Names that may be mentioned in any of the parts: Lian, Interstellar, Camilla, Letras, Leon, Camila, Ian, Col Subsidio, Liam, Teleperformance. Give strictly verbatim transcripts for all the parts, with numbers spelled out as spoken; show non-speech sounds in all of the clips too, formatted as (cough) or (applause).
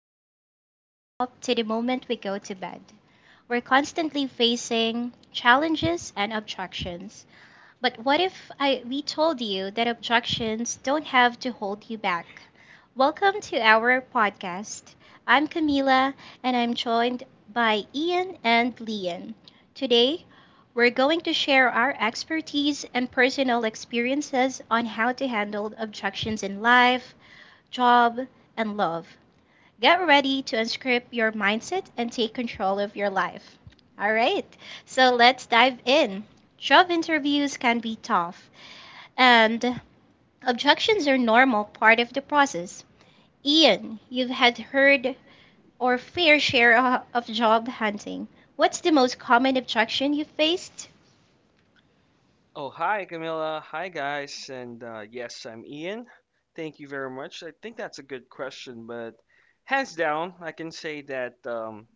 the moment we wake up to the moment we go to bed, we're constantly facing challenges and obstructions. But what if I, we told you that obstructions don't have to hold you back? Welcome to our podcast. I'm Camila and I'm joined by Ian and Leon. Today, we're going to share our expertise and personal experiences on how to handle obstructions in life, job, and love. Get ready to unscript your mindset and take control of your life. All right, so let's dive in. Job interviews can be tough, and objections are normal part of the process. Ian, you've had heard or fair share o- of job hunting. What's the most common objection you faced? Oh, hi, Camilla. Hi, guys. And uh, Yes, I'm Ian. Thank you very much. I think that's a good question, but hands down, I can say that um,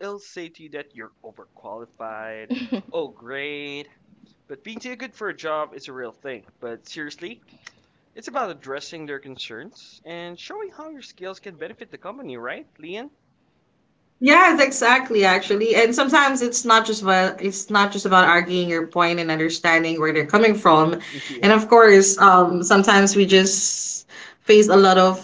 it'll say to you that you're overqualified. (laughs) Oh, great. But being too good for a job is a real thing. But seriously, it's about addressing their concerns and showing how your skills can benefit the company, right, Leon? Yes, exactly, actually. And sometimes it's not just about it's not just about arguing your point and understanding where they're coming from. (laughs) And Yeah. of course, um, sometimes we just face a lot of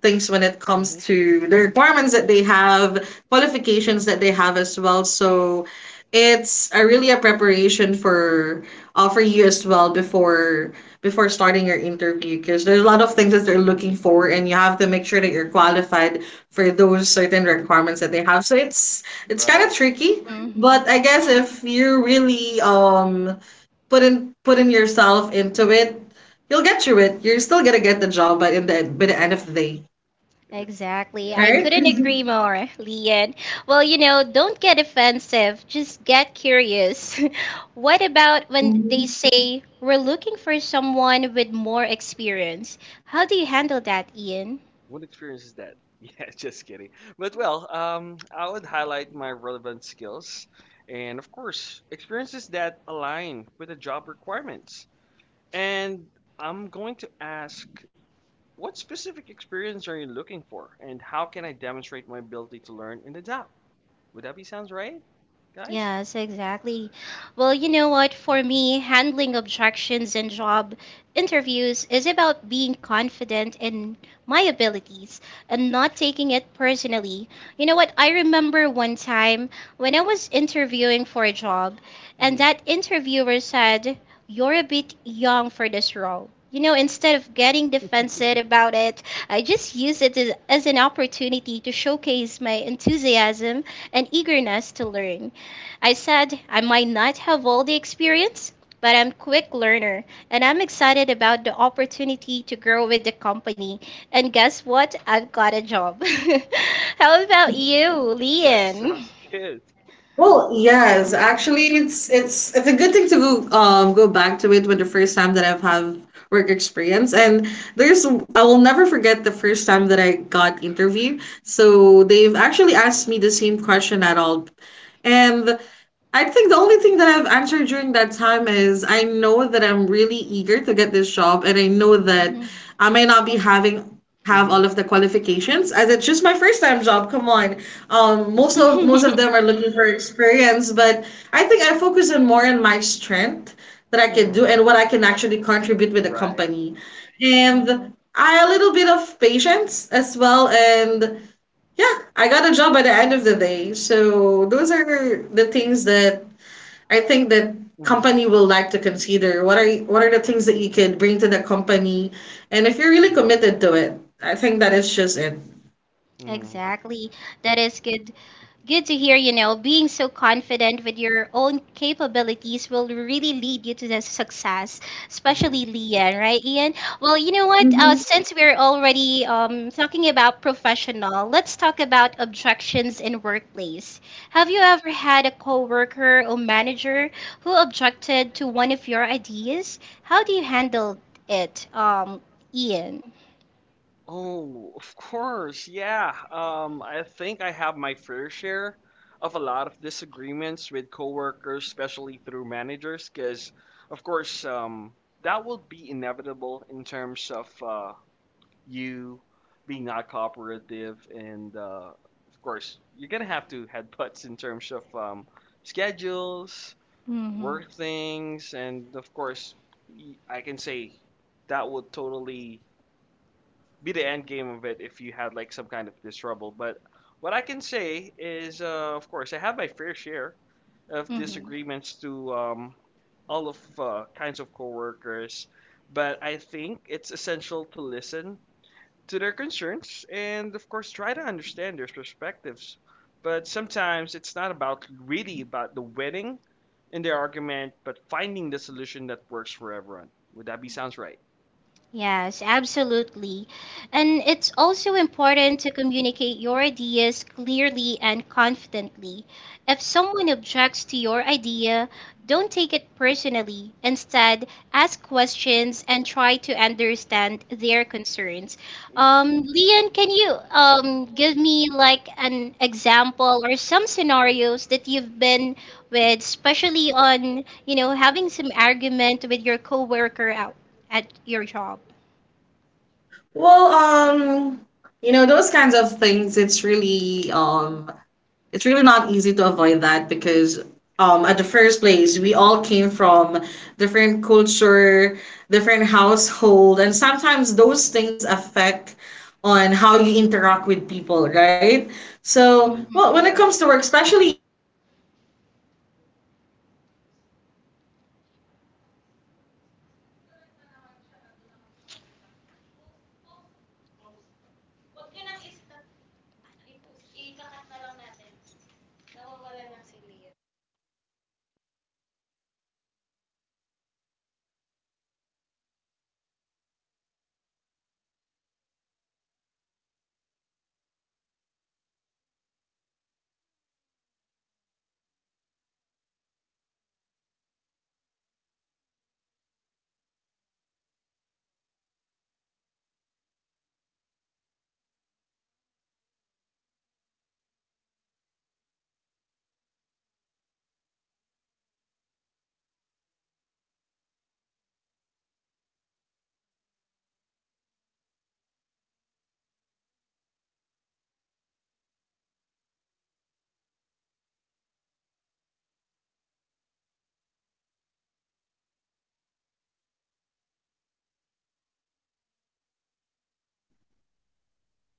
things when it comes Hmm. to the requirements that they have, qualifications that they have as well. So it's a really a preparation for uh, for you as well before before starting your interview because there's a lot of things that they're looking for and you have to make sure that you're qualified for those certain requirements that they have. So it's it's kind of Right. tricky, Mhm. but I guess if you really um put in putting yourself into it, you'll get through it. You're still gonna get the job, but in the by the end of the day, Is it? Exactly. Exactly. Yeah. I I right? couldn't couldn't agree agree more. more, Yes. Leon. Well, Well, you you know, know, don't don't get get offensive. offensive. Just Just get get curious. curious. (laughs) What about when they Mhm. say we're looking for someone with more experience? How do you handle that, Ian? What experience is that? (laughs) Yeah, just kidding. But well, um, I would highlight my relevant skills and, of course, experiences that align with the job requirements. And I'm going to ask, what specific experience are you looking for, and how can I demonstrate my ability to learn in the job? Would that be sounds right, guys? Yes, exactly. Well, you know what? For me, handling objections in job interviews is about being confident in my abilities and not taking it personally. You know what? I remember one time when I was interviewing for a job, and Mhm. that interviewer said, you're a bit young for this role. You know, instead of getting defensive about it, I just used it as, as an opportunity to showcase my enthusiasm and eagerness to learn. I said I might not have all the experience, but I'm quick learner and I'm excited about the opportunity to grow with the company. And guess what? I've got a job. (laughs) How about you, That Lian? sounds good. Well, yes, actually, it's it's it's a good thing to go um go back to it when the first time that I've have work experience and there's I will never forget the first time that I got interview. So they've actually asked me the same question at all, and I think the only thing that I've answered during that time is I know that I'm really eager to get this job, and I know that I may not be having have Mm-hmm. all of the qualifications as it's just my first time job. Come on, um, most of most of them are (laughs) looking for experience, but I think I focus on more on my strength that I can Yeah. do Mm-hmm. and what I can actually contribute with the Right. company, Mm-hmm. Mm-hmm. and I a little bit of patience as well, and yeah, I got a job by the end of the day. So those are the things that I think that Mm-hmm. company will like to consider what are what are the things that you can bring to the company, and if you're really Mm-hmm. committed to it, I think that is just it. Mm-hmm. Exactly. That is good. Good to hear, you know, being so confident with your own capabilities will really lead you to the success, Mm-hmm. especially Lian, right, Ian? Well, you know what? Uh, Mhm. Since we're already um, talking about professional, let's talk about objections in workplace. Have you ever had a coworker or manager who objected to one of your ideas? How do you handle it, um, Ian? Oh, of course. Yeah. Um, I think I have my fair share of a lot of disagreements with coworkers, especially through managers, because, of course, um, that will be inevitable in terms of uh, you being not cooperative, and uh, of course, you're gonna have to head butts in terms of um, schedules, Hmm. work things, and of course, y- I can say that would totally be the end game of it if you had like some kind of this trouble. But what I can say is, uh, of course, I have my fair share of disagreements to um, all of uh, kinds of coworkers, but I think it's essential to listen to their concerns and, of course, try to understand their perspectives. But sometimes it's not about really about the winning in their argument, but finding the solution that works for everyone. Would that be sounds right? Yes, absolutely. And it's also important to communicate your ideas clearly and confidently. If someone objects to your idea, don't take it personally. Instead, ask questions and try to understand their concerns. Um. Um. Um, Me Leon, can you. you um um, give Give me me like. like an example or some scenarios that you've been with, especially on, you know, having some argument with your coworker out at your job? Well, um, you know, those kinds of things, it's really um it's really not easy to avoid that because um at the first place we all came from different culture, different household, and sometimes those things affect on how you interact with people, right? So, Mm-hmm. well, Mhm. when Yeah.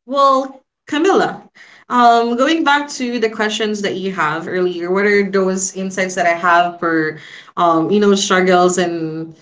Well, Camilla, um, going back to the questions that you have earlier, what are those insights that I have for, um, you know, struggles and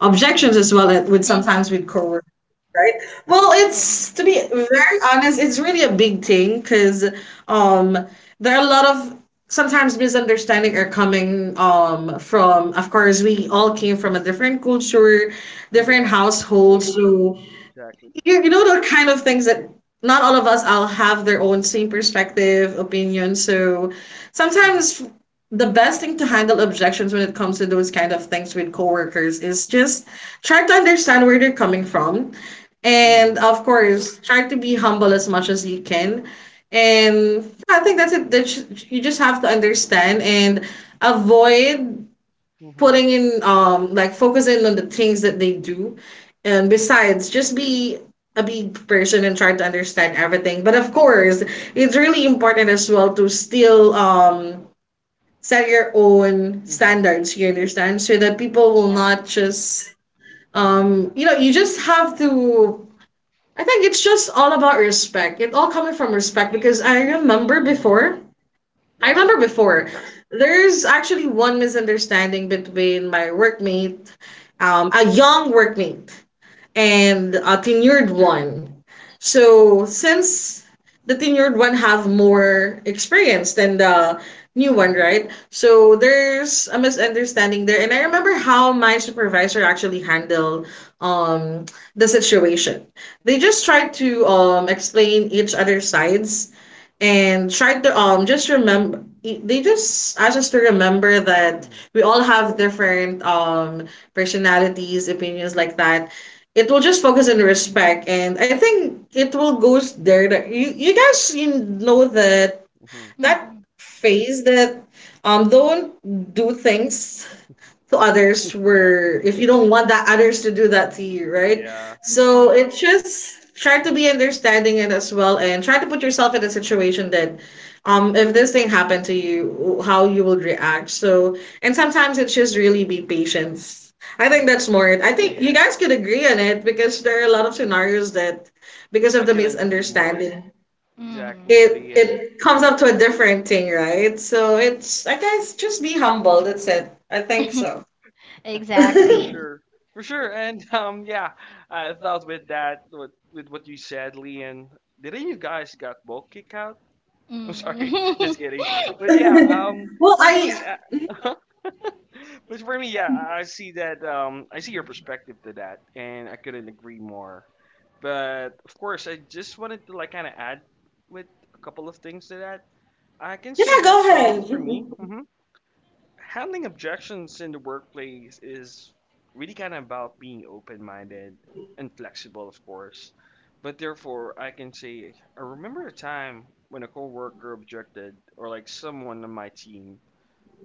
objections Hmm. as well at, with sometimes Mhm. with coworkers, right? Well, Ex- it's to be very honest, it's really a big thing because um, there are a lot of sometimes misunderstanding are coming um from of course we all came from a different culture different Yeah. households so Exactly. you, you know the kind of things that not all of us all have their own same perspective opinion so Hmm. sometimes the best thing to handle objections when it comes to those kind of things with coworkers is just try to understand where they're coming from and Hmm. Mhm. of course try to be humble as much as you can and yeah, I think that's it that sh- you just have to understand and avoid Hmm. putting in um like focusing on the things that they do and Hmm. besides just be a big person and try to understand everything but of course it's really important as well to still um set your own Hmm. Hmm. standards you understand so that people will not just Hmm. um you know you just have to I think it's just all about respect it all coming from respect because i remember Hmm. before I That's remember correct. before, Hmm. there's actually one misunderstanding between my workmate, um, a young workmate and Okay. a tenured one. So since the tenured one have more experience than the new one, Hmm. right? So there's a misunderstanding there. And I remember how my supervisor actually handled um the situation. They just tried to um explain each other's sides and tried to um just remember they just asked us to remember that Hmm. we all have different um personalities, opinions like that it will just focus on respect, and I think it will goes there. That you you guys you know that Hmm. Hmm. that Mhm. phase that um don't do things to others Yeah. were if you don't want that others to do that to you right Yeah. so it's Exactly. just try to be understanding it as well and try to put yourself in a situation that um if this thing happened to you how you would react so and sometimes it's just really be patience I think that's Yeah. more it I think you Hmm. guys could agree on it because there are a lot of scenarios that because of I the couldn't agree more. misunderstanding Mm. Exactly, it Leon. (laughs) it comes up to a different thing right so it's I guess just be humble that's it I think so (laughs) For Exactly. sure. For sure. And um yeah, I thought with that with, with what you said, Leon, didn't you guys got both kicked out? I'm sorry, (laughs) just Mm. kidding. But (laughs) yeah, Yeah. um Well, for I me, uh, (laughs) but for me, yeah, I I see that um I see your perspective to that and I couldn't agree more. But of course, I just wanted to like kind of add with a couple of things to that. I can yeah, say that go uh, for ahead. me, (laughs) mhm. Handling objections in the workplace is really kind of about being open minded and flexible, of course. But therefore, I can say I remember a time when a coworker objected, or like someone on my team,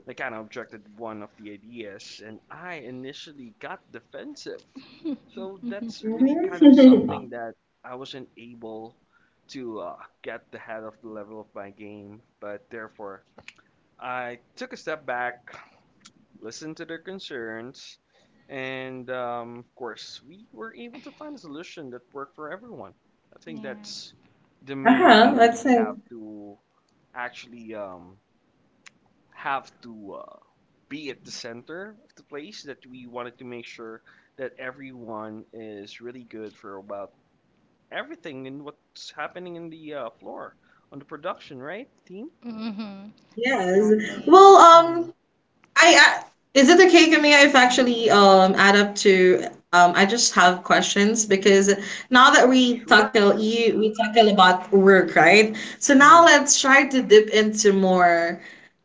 they kind of objected one of the ideas, and I initially got defensive. So that's really kind of something that I wasn't able to uh, get the head of the level of my game, but therefore I took a step back listen to their concerns, and um, of course, we were able to find a solution that worked for everyone. I think that's the main Uh-huh. thing that Let's we say have to actually um, have to uh, be at the center of the place that we wanted to make sure that everyone is really good for about everything and what's happening in the uh, floor on the production, right, team? Mhm. yes. Exactly. Well, Hmm. um, I, I is it okay, Camille, if actually um add up to um I just have questions because now that we Sure, tackle sure. you we tackle about work, right? So Hmm. now let's try to dip into more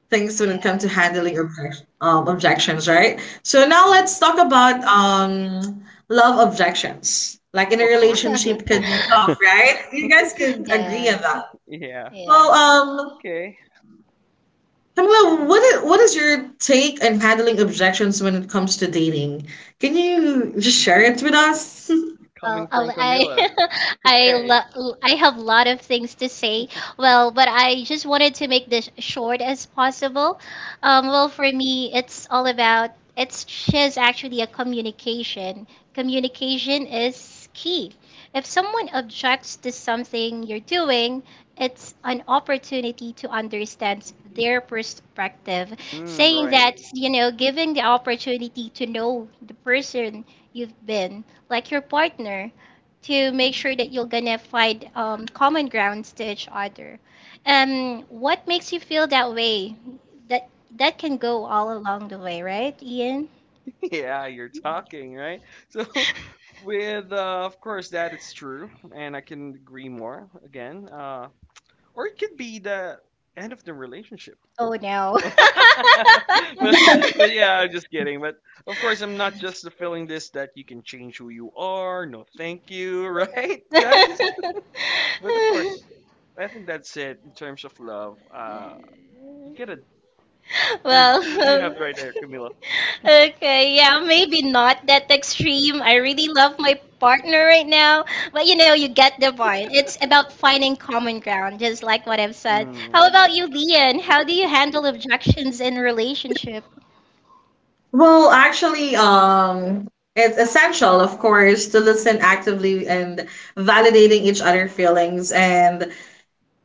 things when it comes Yeah. to handling objection, um, objections, right? So now Hmm. let's talk about um, love objections. Like in a (laughs) Oh, relationship could be tough, right? You guys could agree on that. yeah. Well, um, Okay, Camila, what is, what is your take on handling objections when it comes to dating? Can you just share it with us? (laughs) coming Well, from I'll- I Camila. (laughs) I Okay. lo- I have a lot of things to say. Well, but I just wanted to make this short as possible. Um, well, for me, it's all about it's just actually a communication. Communication is key. If someone objects to something you're doing, it's an opportunity to understand their perspective. Mm, Saying right. that, (laughs) you know, giving the opportunity to know the person you've been like your partner to make sure that you're gonna find um, common grounds to each other, um what makes you feel that way, that that can go all along the way, right, Ian? Yeah, you're talking, right? So, (laughs) with uh, of course that it's true, and I can agree more again. Uh, or it could be the end of the relationship. Oh no. (laughs) but, but yeah, I'm just kidding. But of course, I'm not just fulfilling this that you can change who you are. No, thank you, (laughs) right, guys? But of course, I think that's it in terms of love. Uh, (laughs) you get a. I mean, Well, what do you have (laughs) right there, Camila? okay, yeah, maybe not that extreme. I really love my partner right now, but you know, you get the point. It's about finding (laughs) common ground, just like what I've said. Hmm. How about you, Lian? How do you handle objections in relationship? Well, actually, um, it's essential, of course, to listen Oh, actively oh. and validating each other's feelings and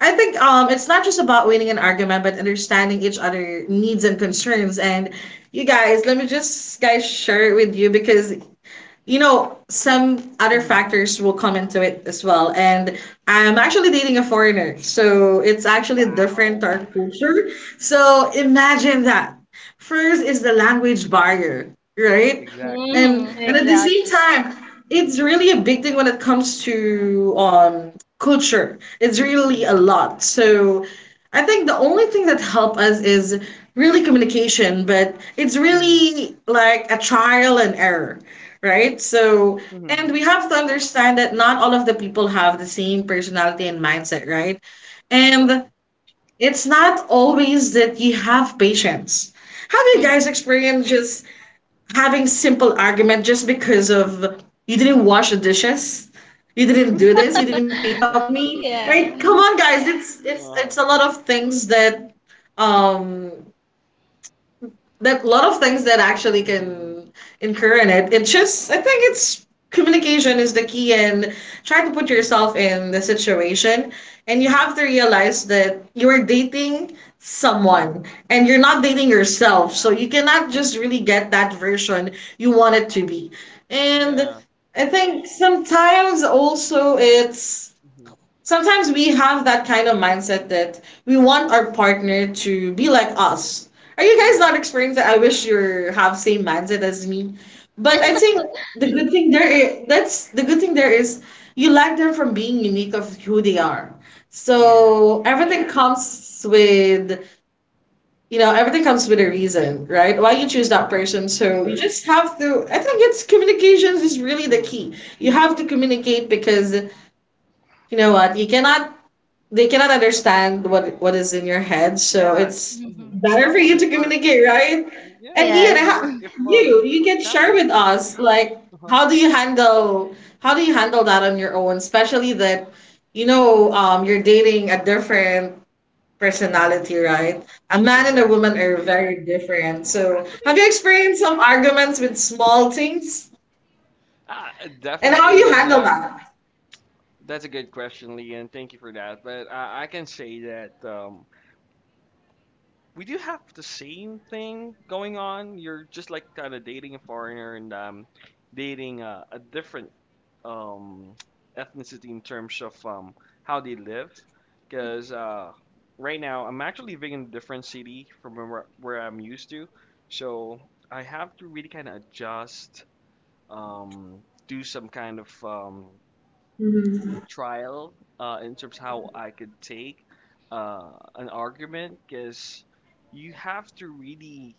I think um it's not just about winning an argument, but understanding each other needs and concerns. And you guys, let me just guys share it with you because you know some other Mm-hmm. factors will come into it as well. And I'm actually dating a foreigner, so it's actually different to Wow. our culture. So imagine that. First is the language barrier, right? Exactly. And Mm-hmm, and at the Exactly. exactly. same time, it's really a big thing when it comes to um culture. It's Yeah. really a Mm-hmm. lot. So I think the only thing that help us is really communication, but it's Mm-hmm. really like a trial and error, right? So Mm-hmm. and we have to understand that not all of the people have the same personality and mindset, right? And Exactly. it's not always that you have patience. Have you guys Mhm. experienced just having simple argument just because of you didn't wash the dishes, you didn't do this, you didn't pick up me. Yeah. Right? Come on, guys. It's it's it's Uh, a lot of things that um that lot of things that actually mm-hmm. can incur in it. It just I think Mm-hmm. it's communication is the key and try to put Mm-hmm. yourself in the situation and you Mm-hmm. have to realize that you're dating Mm-hmm. someone and you're not Yeah. dating yourself so you cannot just really get Yeah. that version you want it to be and Yeah. I think sometimes also it's Mm-hmm. sometimes we have that kind of mindset that we want our Yeah. partner to be like us. Are you guys Yeah. not experiencing? I wish you have same mindset as me, but I Oh, think the mm-hmm. good thing there is, that's the good thing there is you like them from being unique of who they are. Mm-hmm. Yeah. So everything comes with you know everything comes with a Mm-hmm. reason, right? Why you Of choose that course. Mhm. person. So you just have to. I think it's communications is really the Mm-hmm. key. You have to communicate because you know what you cannot they cannot understand what what is in your head so Yeah, it's mm-hmm. Mhm. better That for you wouldn't to work. communicate right Yeah, and that ian would Yes. (laughs) work ha- if, you um, you for can share example, with us like uh-huh, how do you handle how do you handle that on your own especially that you know um you're dating a different mhm, personality right a man and a woman exactly. are very different so have Actually, you experienced some arguments with small things uh, and how definitely, you and handle um, that that's a good question, Lee, and thank you for that. But I, I can say that um, we do have the same thing going on. You're just like kind of dating a foreigner and um, dating a, a different um, ethnicity in terms of um, how they live. Because uh, right now, I'm actually living in a different city from where, where I'm used to. So I have to really kind of adjust, um, do some kind of um, trial uh, in terms how I could take uh, an argument. Because you have to really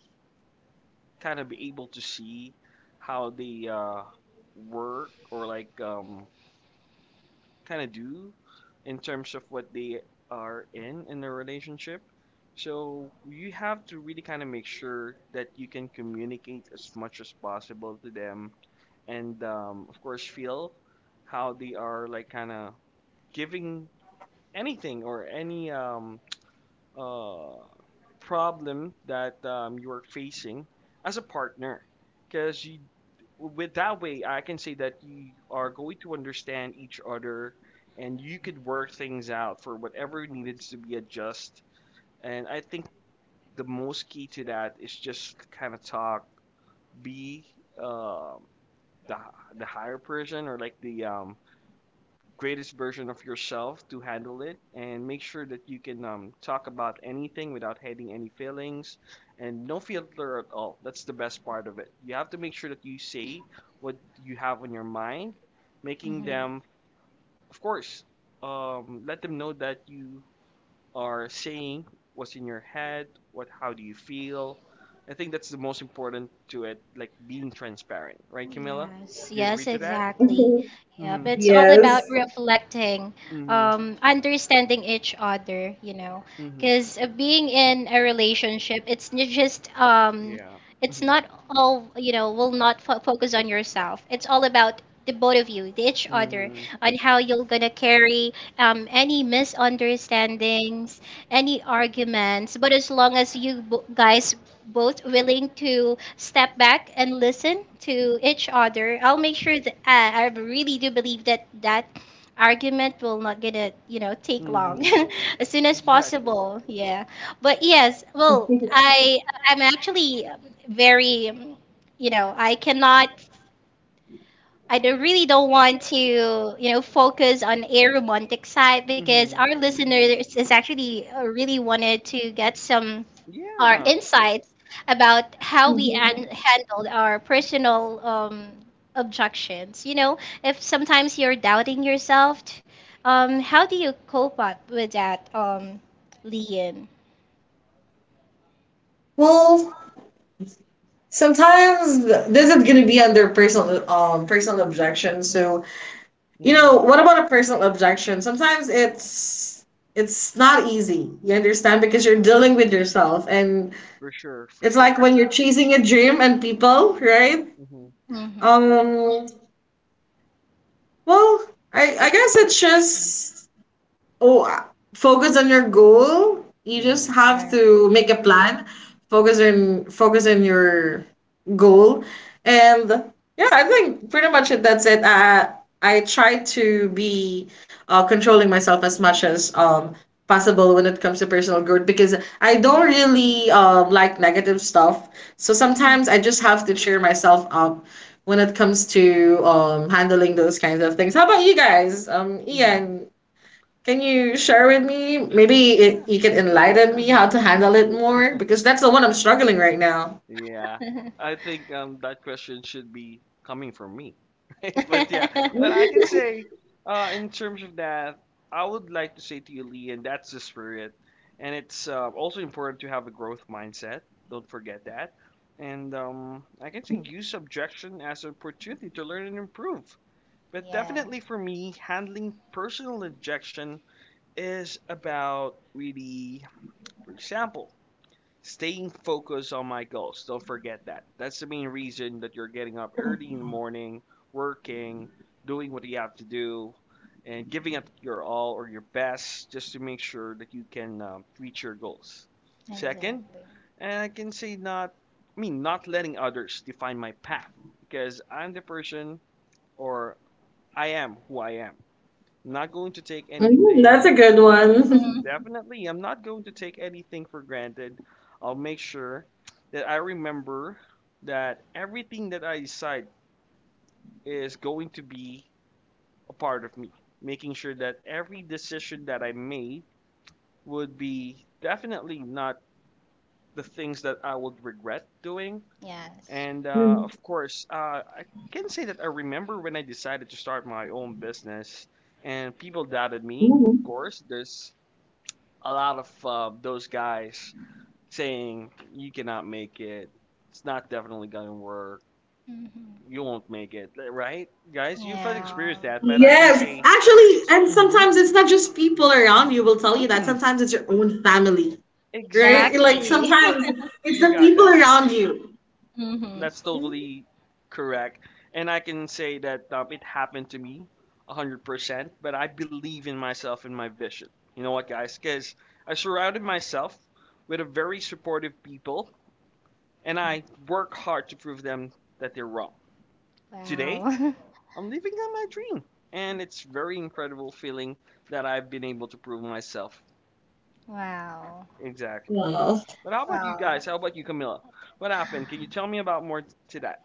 kind of be able to see how they uh, work or like um, kind of do in terms of what they are in in a relationship. So you have to really kind of make sure that you can communicate as much as possible to them, and um, of course feel how they are like kind of giving anything or any um, uh, problem that um, you are facing as a partner because you with that way I can say that you are going to understand each other and you could work things out for whatever needed to be adjust and I think the most key to that is just kind of talk be um, the, the higher person or like the um, greatest version of yourself to handle it and make sure that you can um, talk about anything without hiding any feelings and no filter at all. That's the best part of it. You have to make sure that you say what you have on your mind, making Mhm. them, of course, um, let them know that you are saying what's in your head, what, how do you feel. I think that's the most important to it, like being transparent, right, Camilla? Yes, Do you agree yes, to that? exactly. Mhm. Yep, it's all (laughs) about yes reflecting, Mhm. um, understanding each other, you know, Mhm. because being in a relationship, it's not just, um, Yeah. yeah, it's Mhm. not all, you know, will not fo focus on yourself. It's all about the both of you, the each other, Mhm. on how you're gonna carry um, any misunderstandings, any arguments. But as long as you bo- guys both willing to step back and listen to each other, I'll make sure that uh, I really do believe that that argument will not gonna you know take long. Mhm. (laughs) (laughs) As soon as Exactly. Mhm. possible, Yeah. yeah. But yes, well, I, I'm actually very, you know, I cannot, I don't, really don't want to, you know, focus on a romantic side because our listeners is actually uh, really wanted to get some our insights about how we an- handled our personal um, objections. You know, if sometimes you're doubting yourself, t- um, how do you cope up with that, um, Lian? well sometimes th- this is gonna be under personal um personal objection. So you know Mhm. what about a personal objection? Sometimes it's it's not easy. You understand because you're Mm-hmm. dealing with yourself, and For sure. For it's sure. like when you're chasing a dream and people, right? Mhm. Of Mm-hmm. course. Um. Well, I But I guess yeah. it's Mhm. just Oh, uh, focus on your goal. You just Mhm. have Right. to make a plan. Focus on focus on your goal, and yeah, I think pretty much it- that's it. Uh, I try to be uh, controlling myself as much as um possible when it comes to personal growth because I don't Mhm. really um like negative stuff. So sometimes I just have to cheer myself up when it comes to Mhm. um handling those kinds of things. How about you guys? Um, Mhm. Ian, can you share with me? Maybe Yeah. it, you can enlighten me Mhm. how to handle it more because that's the one I'm struggling right now. Yeah. Mm-hmm. I think um that question should be coming from me. (laughs) Right? But yeah, but I can Mhm, say (laughs) uh in terms of that, I would like to say to you, Lee, and that's the spirit. And it's uh, also important to have a growth mindset. Don't forget that. And um I can say use objection as an opportunity to learn and improve. But Yeah, definitely for me, handling personal objection is about really, for example, staying focused on my goals. Don't forget that. That's the main reason that you're getting up early in the morning, working, doing what you have to do, and giving up your all or your best just to make sure that you can um, reach your goals. Second, exactly. and I can say not, I mean, not letting others define my path because I'm the person or I am who I am. I'm not going to take mhm, that's anything a good for one. (laughs) Mhm. Definitely. I'm not going to take anything for granted. I'll make sure that I remember that everything that I decide is going to be a part of me, making sure that every decision that I made would be definitely not the things that I would regret doing. Yes. And uh, Mm, of course, uh, I can say that I remember when I decided to start my own business, and people doubted me. Of mhm. course, there's a lot of uh, those guys saying you cannot make it. It's not definitely gonna work. Hmm. You won't make it, right, guys? You've had Yeah. experienced that, but I can Yes, say, actually, and mm-hmm, sometimes it's not just people around you will tell you that. mm-hmm, Sometimes it's your own family, right? Like exactly. Exactly. sometimes it's You the got people that. around you. (laughs) Hmm. That's totally correct, and I can say that um, it happened to me, one hundred percent. But I believe in myself and my vision. You know what, guys? Because I surrounded myself with a very supportive people, and I work hard to prove them that they're wrong. Today, Wow. I'm living out my dream, and it's very incredible feeling that I've been able to prove myself. (laughs) Wow. Exactly. Wow. But how about Wow. you guys? How about you, Camilla? What happened? Can you tell me about more t- to that?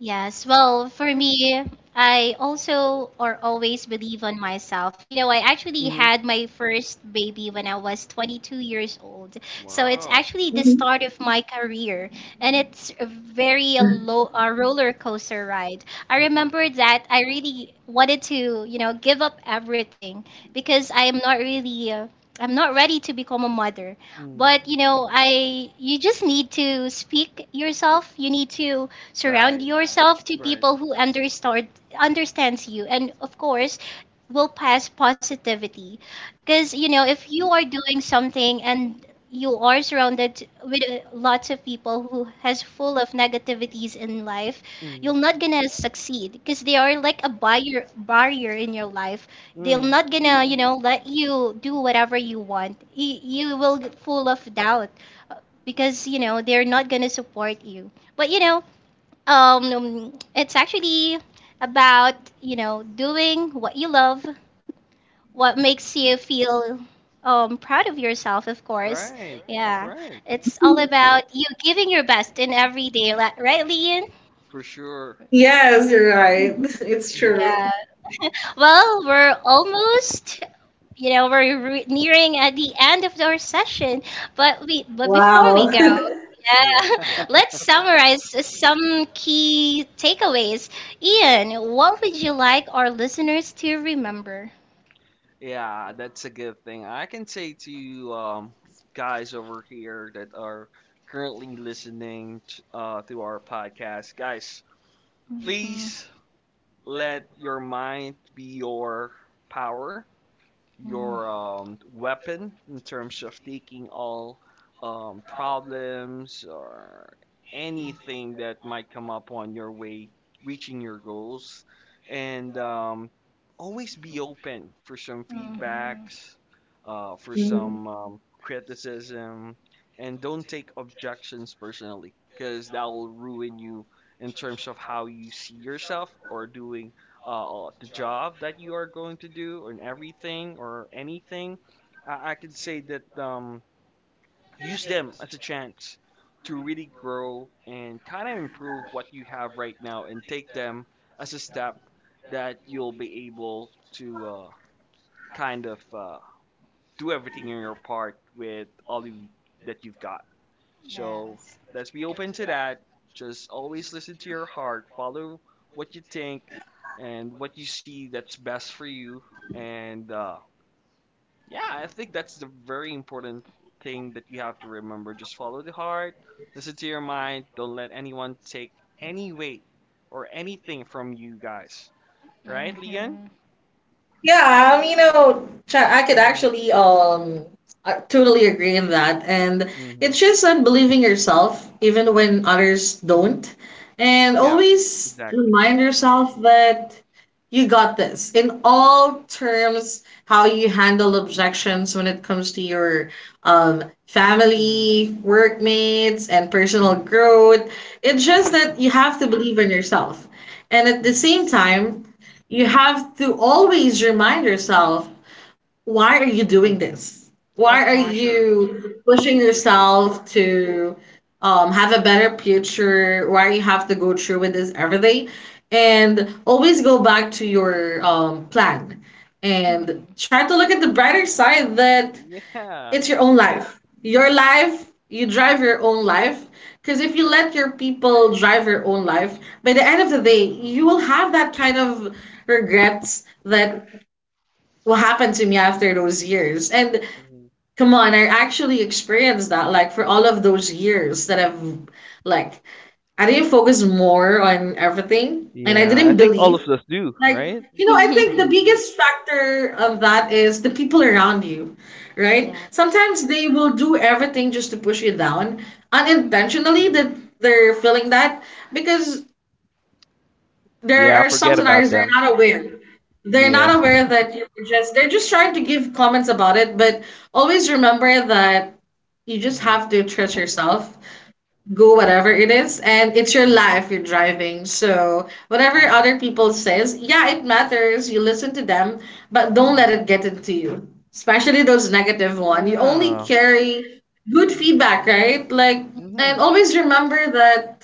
Yes, well, for me, I also or always believe on myself. You know, I actually Mm-hmm. had my first baby when I was twenty-two years old. So it's Wow. actually the Mhm. start of my career and it's a very a low a roller coaster ride. I Mhm. remember that I really wanted to, you know, give up everything because I am not really uh, I'm not ready to become a mother. Mm. But, you know, I, you just need to speak yourself. You need to surround Right. yourself to Right. people who understand understands you and of course will pass positivity. Cuz you know, if you are doing something and you are surrounded with uh, lots of people who has full of negativities in life, Mm. you're not gonna succeed because they are like a buyer barrier in your life. They're Mhm. not gonna, you know, let you do whatever you want, you, you will get full of doubt, uh, because you know they're not gonna support you. But you know, um, it's actually about, you know, doing what you love, what makes you feel um, proud of yourself, of course. Right. Yeah. Right. It's all about you giving your best in every day, li- right, Lian? For sure. Yes, you're right. (laughs) It's Mhm. true. Yeah. (laughs) Well, we're almost, you know, we're re- nearing at the end of our session. But we, but before we Wow. go, (laughs) yeah, Yeah. (laughs) let's summarize some key takeaways. Ian, what would you like our listeners to remember? Yeah, that's a good thing. I can say to you, um, guys over here that are currently listening t uh, to our podcast, guys, Mhm. please let your mind be your power Mm. your um, weapon in terms of taking all um, problems or anything that might come up on your way reaching your goals and um, always be open for some Mhm. feedbacks uh, for Mhm. some um, criticism and don't take objections personally because that will ruin you in terms of how you see yourself or doing uh, the job that you are going to do and everything or anything, I, I could say that um, use them as a chance to really grow and kind of improve what you have right now and take them as a step that you'll be able to uh, kind of uh, do everything in your part with all of you, that you've got. So Yes. let's be open to that. Just always listen to your heart, follow what you think and what you see that's best for you. And uh, yeah, I think that's the very important thing that you have to remember. Just follow the heart, listen to your mind, don't let anyone take any weight or anything from you guys. Right, Leon? Mhm. Yeah, um, you know, cha- I could Mm-hmm. actually um I totally agree in that. And Mm-hmm. it's just on believing yourself even when others Mm-hmm. don't. And Yeah, always exactly. remind yourself that you got this in all terms, how you handle objections when it comes to your um Mm-hmm. family, workmates, and personal Mm-hmm. growth. It's just that you have to believe in yourself. And at the Mm-hmm. same Yes, time, you have to always remind yourself why are you doing Mm-hmm. this why are For exactly. sure. you pushing For sure. yourself to um, have a better future why you have to go through with this every day and always go back to your um, plan Mm-hmm. and Hmm. try to look at the brighter side that Yeah. it's your own life. Your life, you drive your own life. Because if you Correct. let your people drive your own life, by the end of the day, Hmm. you will have that kind of regrets that what happened to me after those years. And Hmm. come on, I actually experienced that. Like for all of those years that I've, like, I didn't focus more on everything, and I Yeah, didn't I think all believe of us do, like right? you know I think (laughs) the Hmm. biggest factor of that is the people around you right Exactly. sometimes they will do everything just to push you down Hmm. unintentionally Hmm. that they're feeling that because there Yeah, are some forget about scenarios they're them. not aware they're not Yeah. Hmm. aware that you're just they're just trying to give comments about it but always remember that you (laughs) just Hmm. have to trust yourself go whatever it is and it's your Hmm. life you're driving so whatever Hmm. other people says yeah it matters you listen to them but don't let Hmm. it get into you especially those negative one you only Yeah. carry good feedback right like Hmm. and always remember that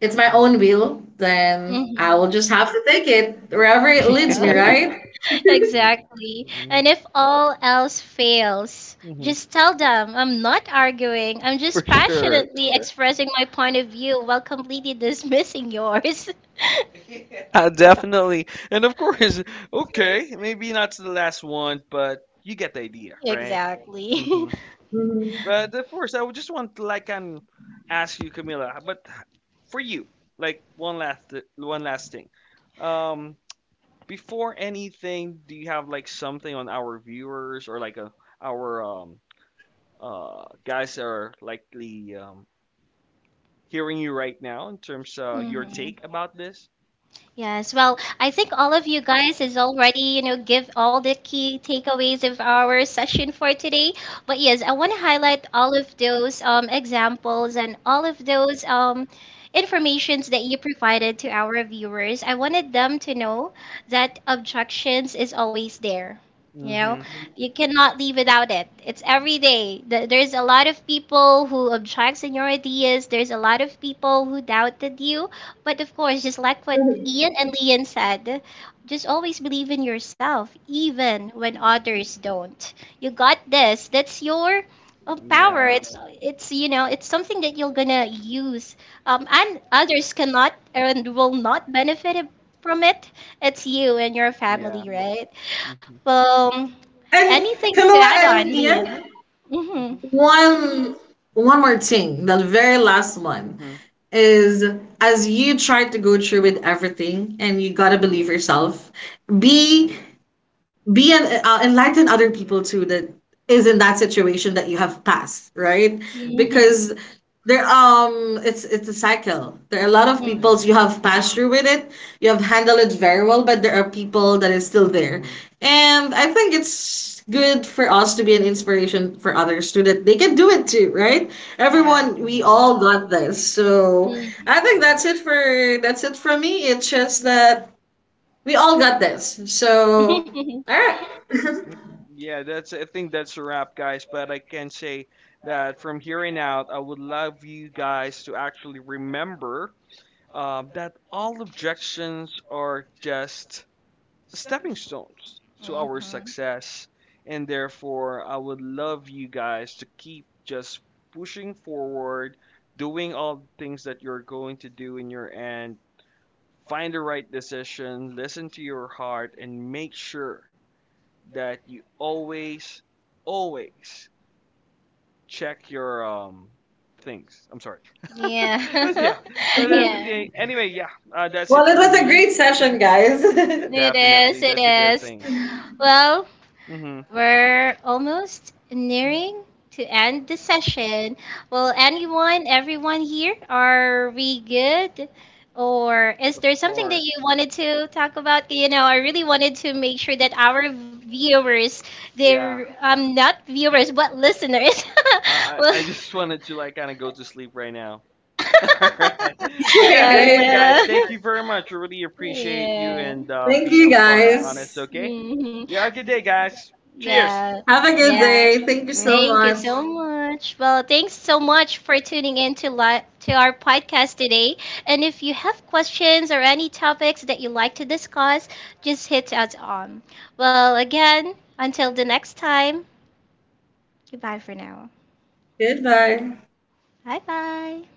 it's my Hmm. own will then I Hmm. will just have to take it wherever it leads Yeah, me (laughs) (laughs) right exactly. Mhm. And if all else fails, Mhm. just tell them I'm not arguing. I'm For just sure. passionately expressing my point of view while completely dismissing yours. (laughs) Yeah, definitely. And of course, okay, maybe not the last one, but you get the idea, (laughs) right? Exactly. Mhm. Mhm. But of course, I would just want to like and ask you, Camila. But for you, like one last one last thing. Um, Before anything, do you have like something on our viewers or like a, our um uh guys that are likely um hearing you right now in terms (laughs) of your Hmm. take about this? Yes, well, I think all of you guys is already, you know, give all the key takeaways of our session for today. But yes, I want to highlight all of those um, examples and all of those um, informations that you provided to our viewers. I wanted them to know that objections is always there. You know, Mm-hmm. you cannot live without it. It's every day. Th- There's a lot of people who objects in your ideas. There's a lot of people who doubted you, but of course, just like what Ian and Leon said, just always believe in yourself, even when others don't. You got this. That's your um, power. Yeah. It's it's you know it's something that you're gonna use, um, and others cannot and will not benefit it- from it. It's you and your Yeah. family, right? Mm-hmm. Well, And anything to add yeah, on, and Ian, Liam? Mm-hmm. Mm-hmm. One one more thing, the very last one is as you try to go through with everything and you gotta Mm-hmm. believe yourself, Yeah. be be an uh, enlighten other people too that is in that situation that you have passed right Mm-hmm. Mm-hmm. because there um it's it's a cycle there are a lot of Mm-hmm. people Mm-hmm. you have passed through with it you have handled it very well but there are people that is still there and I think it's good for us to be an inspiration for others too that they can do it too right Yes. everyone we Mm-hmm. all got this so Hmm. I think Mm-hmm. that's it for that's it from me it's just that we all got this so (laughs) all right Yeah, that's I think that's a wrap, guys. But I can say that from here on out, I would love you guys to actually remember um, that all objections are just stepping stones to our success, and therefore, I would love you guys to keep just pushing forward, doing all the things that you're going to do in your end. Find the right decision, listen to your heart, and make sure that you always, always check your um things. I'm sorry. (laughs) But Yeah. yeah, but everything. (laughs) (laughs) Anyway, yeah, uh, that's Well, it it for was a me. great session, guys. (laughs) Definitely, that's a good thing. Well, Mm-hmm. we're almost nearing to end the session. Well, anyone, everyone here, are we good? Or is Of there something that course. you wanted to talk about? You know, I really wanted to make sure that our viewers, Yeah, they're um, not viewers, but listeners. I (laughs) Well, I I just wanted to like kind of go to sleep right (laughs) now. (laughs) Right. But yeah, anyway, Alright. guys, uh, thank you very much. I really appreciate you yeah. and um, Thank being you, upfront and honest, guys. okay? Hmm. Yeah, have a good day, guys. Cheers. Yeah. Have a good Yeah. day. Thank you Mm hmm. so Thank you much. so much. Well, thanks so much for tuning in to li- to our podcast today. And if you have questions or any topics that you like to discuss, just hit us on. Well, again, until the next time, goodbye for now. Goodbye. Bye bye.